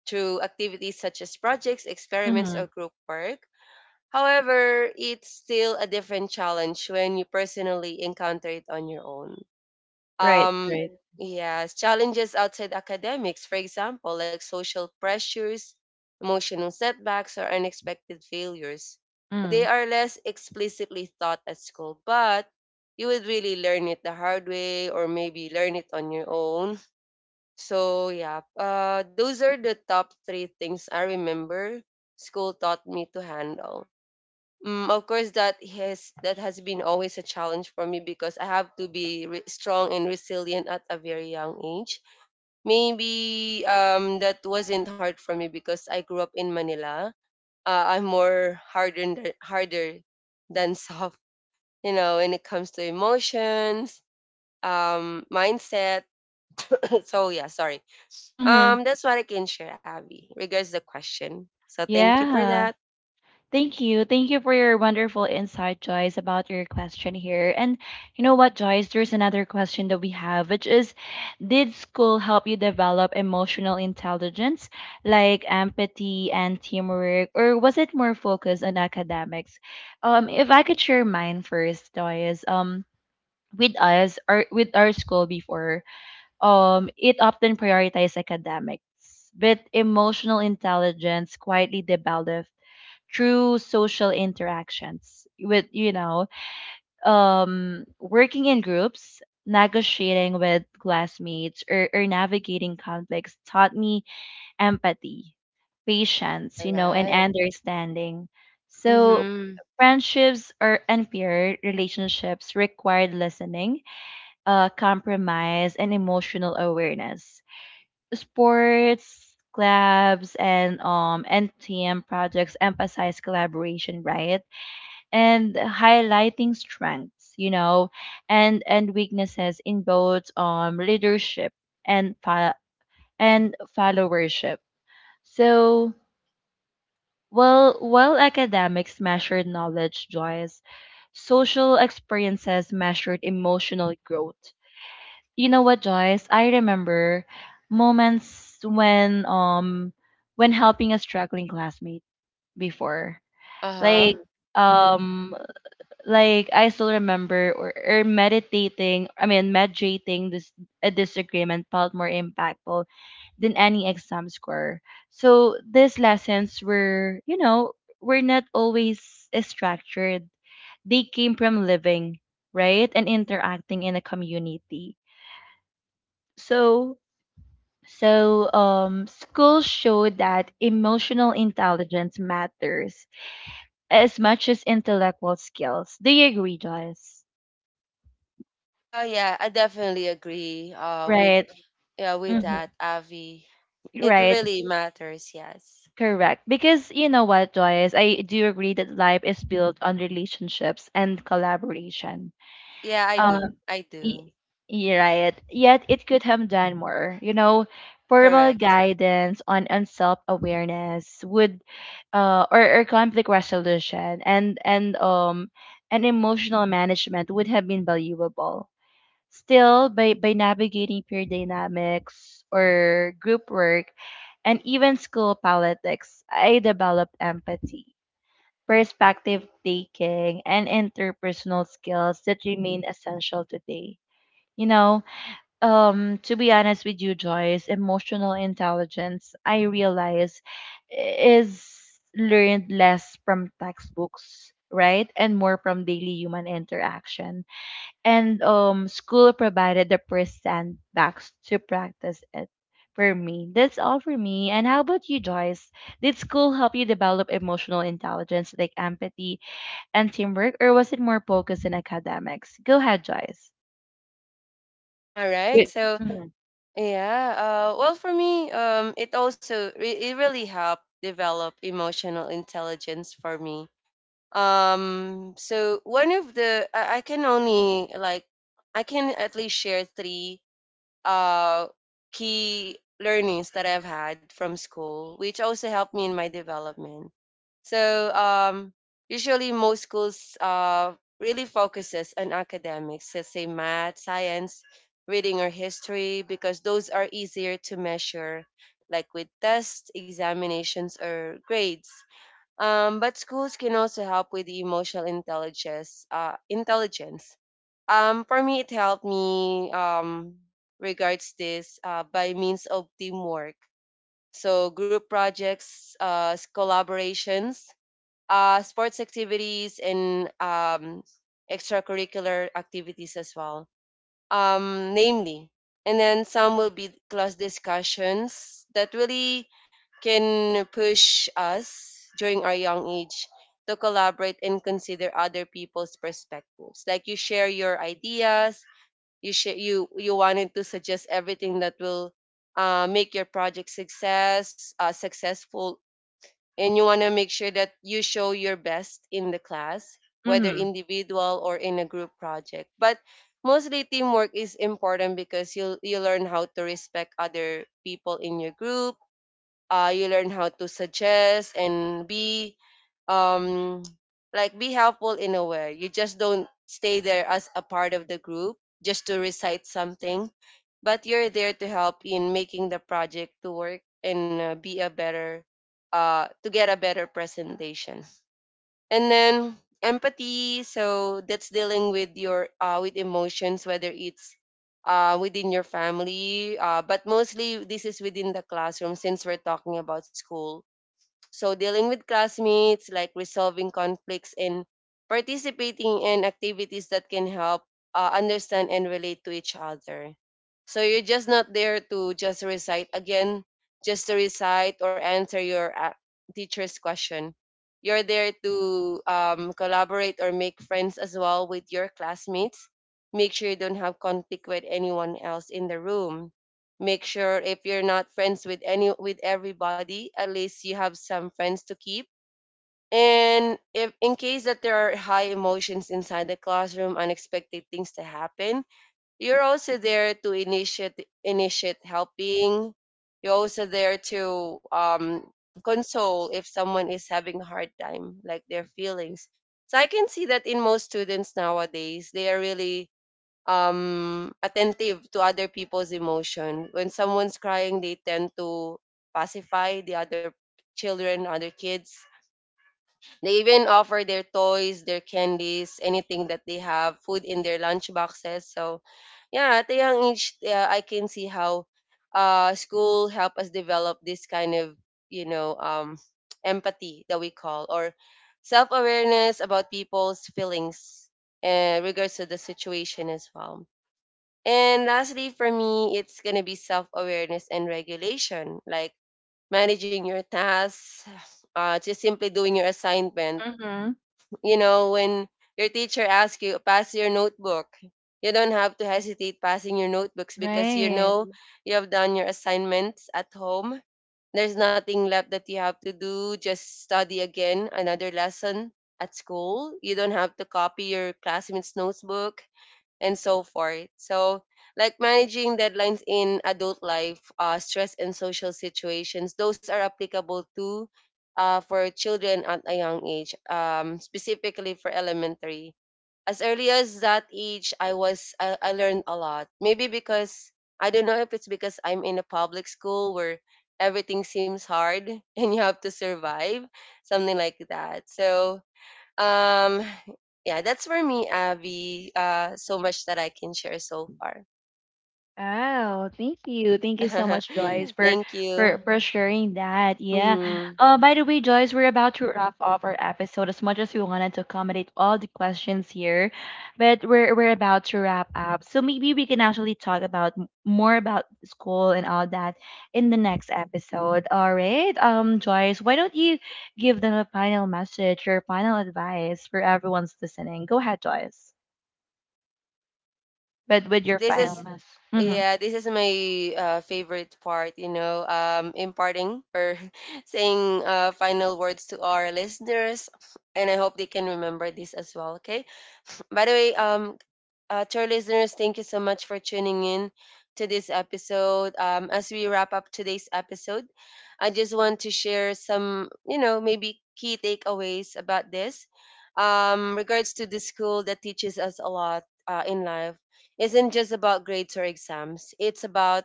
Speaker 2: through activities such as projects, experiments, or
Speaker 1: Mm-hmm.
Speaker 2: group work. However, it's still a different challenge when you personally encounter it on your own.
Speaker 1: Right,
Speaker 2: um
Speaker 1: right.
Speaker 2: yes, challenges outside academics, for example like social pressures, emotional setbacks, or unexpected failures, they
Speaker 1: Mm.
Speaker 2: are less explicitly taught at school, but you would really learn it the hard way or maybe learn it on your own. So yeah, those are the top three things I remember school taught me to handle. Mm, of course, that has been always a challenge for me because I have to be strong and resilient at a very young age. Maybe that wasn't hard for me because I grew up in Manila. I'm more hardened, harder than <laughs> soft, you know, when it comes to emotions, mindset. <coughs> So yeah, sorry.
Speaker 1: Mm-hmm.
Speaker 2: That's what I can share, Abby, regards the question. So thank you for
Speaker 1: Yeah.
Speaker 2: that.
Speaker 1: Thank you. Thank you for your wonderful insight, Joyce, about your question here. And you know what, Joyce? There's another question that we have, which is, did school help you develop emotional intelligence like empathy and teamwork, or was it more focused on academics? If I could share mine first, Joyce, with us or with our school before, it often prioritized academics, but emotional intelligence quietly developed through social interactions with, you know, um, working in groups, negotiating with classmates or navigating conflicts taught me empathy, patience,
Speaker 2: All
Speaker 1: you know, and
Speaker 2: right.
Speaker 1: understanding. So
Speaker 2: Mm-hmm.
Speaker 1: friendships are unfair, relationships required listening, compromise and emotional awareness. Sports clubs and and team projects emphasize collaboration, right? And highlighting strengths, you know, and weaknesses in both leadership and and followership. So, well, while academics measured knowledge, Joyce, social experiences measured emotional growth. You know what, Joyce? I remember moments when helping a struggling classmate before,
Speaker 2: Uh
Speaker 1: like,
Speaker 2: huh.
Speaker 1: um, like I still remember or meditating, I mean mediating this, a disagreement felt more impactful than any exam score. So these lessons were, you know, were not always structured. They came from living, right? And interacting in a community. So so school showed that emotional intelligence matters as much as intellectual skills. Do you agree, Joyce?
Speaker 2: Yeah, I definitely agree with
Speaker 1: Right.
Speaker 2: yeah with
Speaker 1: Mm-hmm.
Speaker 2: that, Avi. It
Speaker 1: Right,
Speaker 2: really matters, yes.
Speaker 1: correct. Because you know what, Joyce, I do agree that life is built on relationships and collaboration.
Speaker 2: Yeah, I
Speaker 1: Um,
Speaker 2: do. I do.
Speaker 1: y- you're right. Yet it could have done more. You know, formal
Speaker 2: Correct.
Speaker 1: guidance on self awareness would, or conflict resolution and and emotional management would have been valuable. Still, by navigating peer dynamics or group work and even school politics, I developed empathy, perspective taking, and interpersonal skills that remain essential today. You know, to be honest with you, Joyce, emotional intelligence, I realize, is learned less from textbooks, right? And more from daily human interaction, and school provided the first backs to practice it for me. That's all for me. And how about you, Joyce? Did school help you develop emotional intelligence like empathy and teamwork, or was it more focused in academics? Go ahead, Joyce.
Speaker 2: All right.
Speaker 1: Wait.
Speaker 2: So,
Speaker 1: Mm-hmm.
Speaker 2: yeah, well, for me, it also it really helped develop emotional intelligence for me. So one of the I can only like I can at least share three uh, key learnings that I've had from school, which also helped me in my development. So usually most schools really focuses on academics, let's say math, science, reading or history, because those are easier to measure, like with tests, examinations, or grades. But schools can also help with the emotional intelligence. Intelligence. For me, it helped me regards this by means of teamwork. So group projects, collaborations, sports activities, and extracurricular activities as well, namely. And then some will be class discussions that really can push us during our young age to collaborate and consider other people's perspectives. Like you share your ideas, you share, you wanted to suggest everything that will make your project successful, and you want to make sure that you show your best in the class, whether
Speaker 1: Mm-hmm.
Speaker 2: individual or in a group project. But mostly teamwork is important because you learn how to respect other people in your group. You learn how to suggest and be um like be helpful in a way. You just don't stay there as a part of the group just to recite something, but you're there to help in making the project to work and be a better, to get a better presentation. And then empathy, so that's dealing with your with emotions, whether it's within your family, but mostly this is within the classroom since we're talking about school. So, dealing with classmates, like resolving conflicts and participating in activities that can help understand and relate to each other. So, you're just not there to just recite again, just to recite or answer your teacher's question. You're there to collaborate or make friends as well with your classmates. Make sure you don't have conflict with anyone else in the room. Make sure if you're not friends with any with everybody, at least you have some friends to keep. And if in case that there are high emotions inside the classroom, unexpected things to happen, you're also there to initiate helping. You're also there to console if someone is having a hard time, like their feelings. So I can see that in most students nowadays, they are really attentive to other people's emotion. When someone's crying, they tend to pacify the other children, other kids. They even offer their toys, their candies, anything that they have, food in their lunch boxes. So, yeah, at a young age, yeah, I can see how school help us develop this kind of, you know, empathy that we call, or self awareness about people's feelings, regards to the situation as well. And lastly, for me, it's going to be self awareness and regulation, like managing your tasks, just simply doing your assignment.
Speaker 1: Mm-hmm.
Speaker 2: You know, when your teacher asks you, pass your notebook, you don't have to hesitate passing your notebooks because you
Speaker 1: Right.
Speaker 2: know you have done your assignments at home. There's nothing left that you have to do, just study again another lesson at school. You don't have to copy your classmates' notebook and so forth. So, like managing deadlines in adult life, stress and social situations, those are applicable to for children at a young age, specifically for elementary. As early as that age, I learned a lot. Maybe because I don't know if it's because I'm in a public school where everything seems hard <laughs> and you have to survive, something like that. So um, yeah, that's for me, Abby. So much that I can share so far.
Speaker 1: Oh, thank you. Thank you so much, Joyce,
Speaker 2: <laughs>
Speaker 1: for
Speaker 2: Thank
Speaker 1: for
Speaker 2: you.
Speaker 1: for sharing that. Yeah.
Speaker 2: Hmm.
Speaker 1: By the way, Joyce, we're about to wrap up our episode as much as we wanted to accommodate all the questions here, but we're about to wrap up. So maybe we can actually talk about more about school and all that in the next episode. All right. Joyce, why don't you give them a final message or final advice for everyone's listening? Go ahead, Joyce. But with
Speaker 2: This,
Speaker 1: your
Speaker 2: this
Speaker 1: final
Speaker 2: is,
Speaker 1: message.
Speaker 2: yeah, this is my favorite part. You know, imparting or <laughs> saying final words to our listeners, and I hope they can remember this as well. Okay. By the way, uh, to our listeners, thank you so much for tuning in to this episode. As we wrap up today's episode, I just want to share some, you know, maybe key takeaways about this. Regards to the school that teaches us a lot in life, isn't just about grades or exams. It's about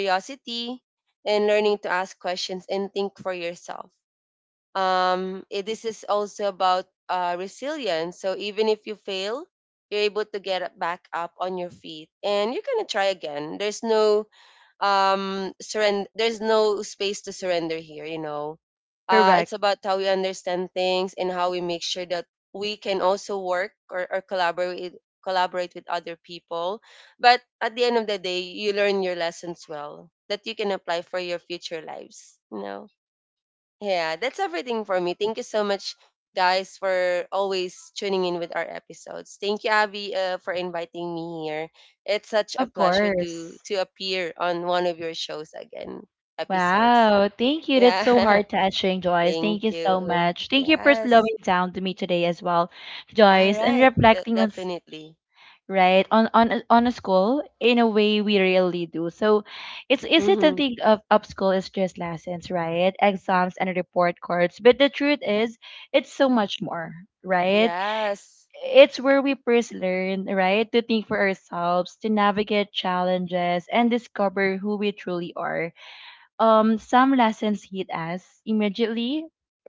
Speaker 1: Right. Like,
Speaker 2: and learning to ask
Speaker 1: you
Speaker 2: questions and
Speaker 1: know,
Speaker 2: think for yourself. This is also about resilience. So even if you fail, you're able to back up on your feet, and you're gonna try again. There's no surrender. There's no space to surrender here. You know, it's
Speaker 1: correct.
Speaker 2: about how we understand things and how we make sure that we can also or collaborate with other people. But at the end of the day, you learn your lessons well that you can apply for your future lives. You know. Yeah, that's everything for me. Thank you so much, guys, for always tuning in with our episodes. Thank you, Abby, for inviting me here. It's such a
Speaker 1: Of
Speaker 2: pleasure
Speaker 1: course.
Speaker 2: to appear on one of your shows again, episodes.
Speaker 1: Wow. Thank you. That's so
Speaker 2: Yeah,
Speaker 1: hard
Speaker 2: <laughs>
Speaker 1: touching, Joyce.
Speaker 2: thank
Speaker 1: Thank you so
Speaker 2: you.
Speaker 1: much. Thank you for
Speaker 2: Yes.
Speaker 1: slowing down to me today as well,
Speaker 2: All
Speaker 1: Joyce, and
Speaker 2: right.
Speaker 1: reflecting on
Speaker 2: Definitely.
Speaker 1: right on a school in a way we really do. So it's easy to
Speaker 2: Mm-hmm.
Speaker 1: think of up school as just lessons, right? Exams and report cards. But the truth is it's so much more, right?
Speaker 2: Yes.
Speaker 1: It's where we first learn, right, to think for ourselves, to navigate challenges, and discover who we truly are. Some lessons hit us immediately,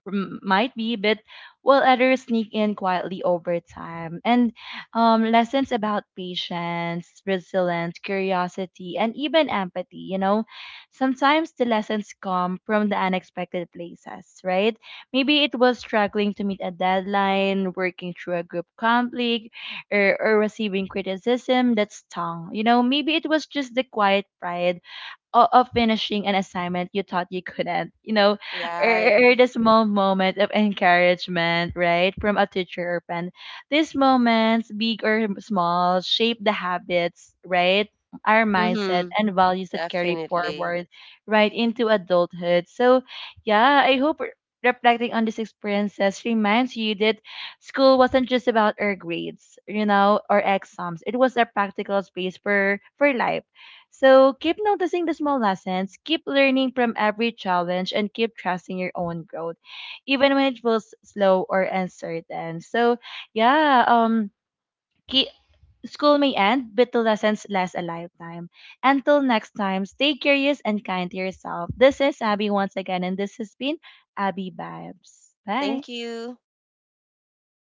Speaker 1: might be, but while others sneak in quietly over time. And lessons about patience, resilience, curiosity, and even empathy. You know, sometimes the lessons come from the unexpected places, right? Maybe it was struggling to meet a deadline, working through a group conflict, or receiving criticism that stung. You know, maybe it was just the quiet pride of finishing an assignment you thought you couldn't, you know,
Speaker 2: Right.
Speaker 1: or, or the small moment of encouragement, right, from a teacher or friend. These moments, big or small, shape the habits, right, our mindset
Speaker 2: Mm-hmm.
Speaker 1: and values that carry
Speaker 2: Definitely.
Speaker 1: forward right into adulthood. So, yeah, I hope reflecting on these experiences reminds you that school wasn't just about our grades, you know, or exams. It was a practical space for life. So keep noticing the small lessons, keep learning from every challenge, and keep trusting your own growth, even when it feels slow or uncertain. So yeah, keep, school may end, but the lessons last a lifetime. Until next time, stay curious and kind to yourself. This is Abby once again, and this has been Abby Vibes. Bye.
Speaker 2: Thank you.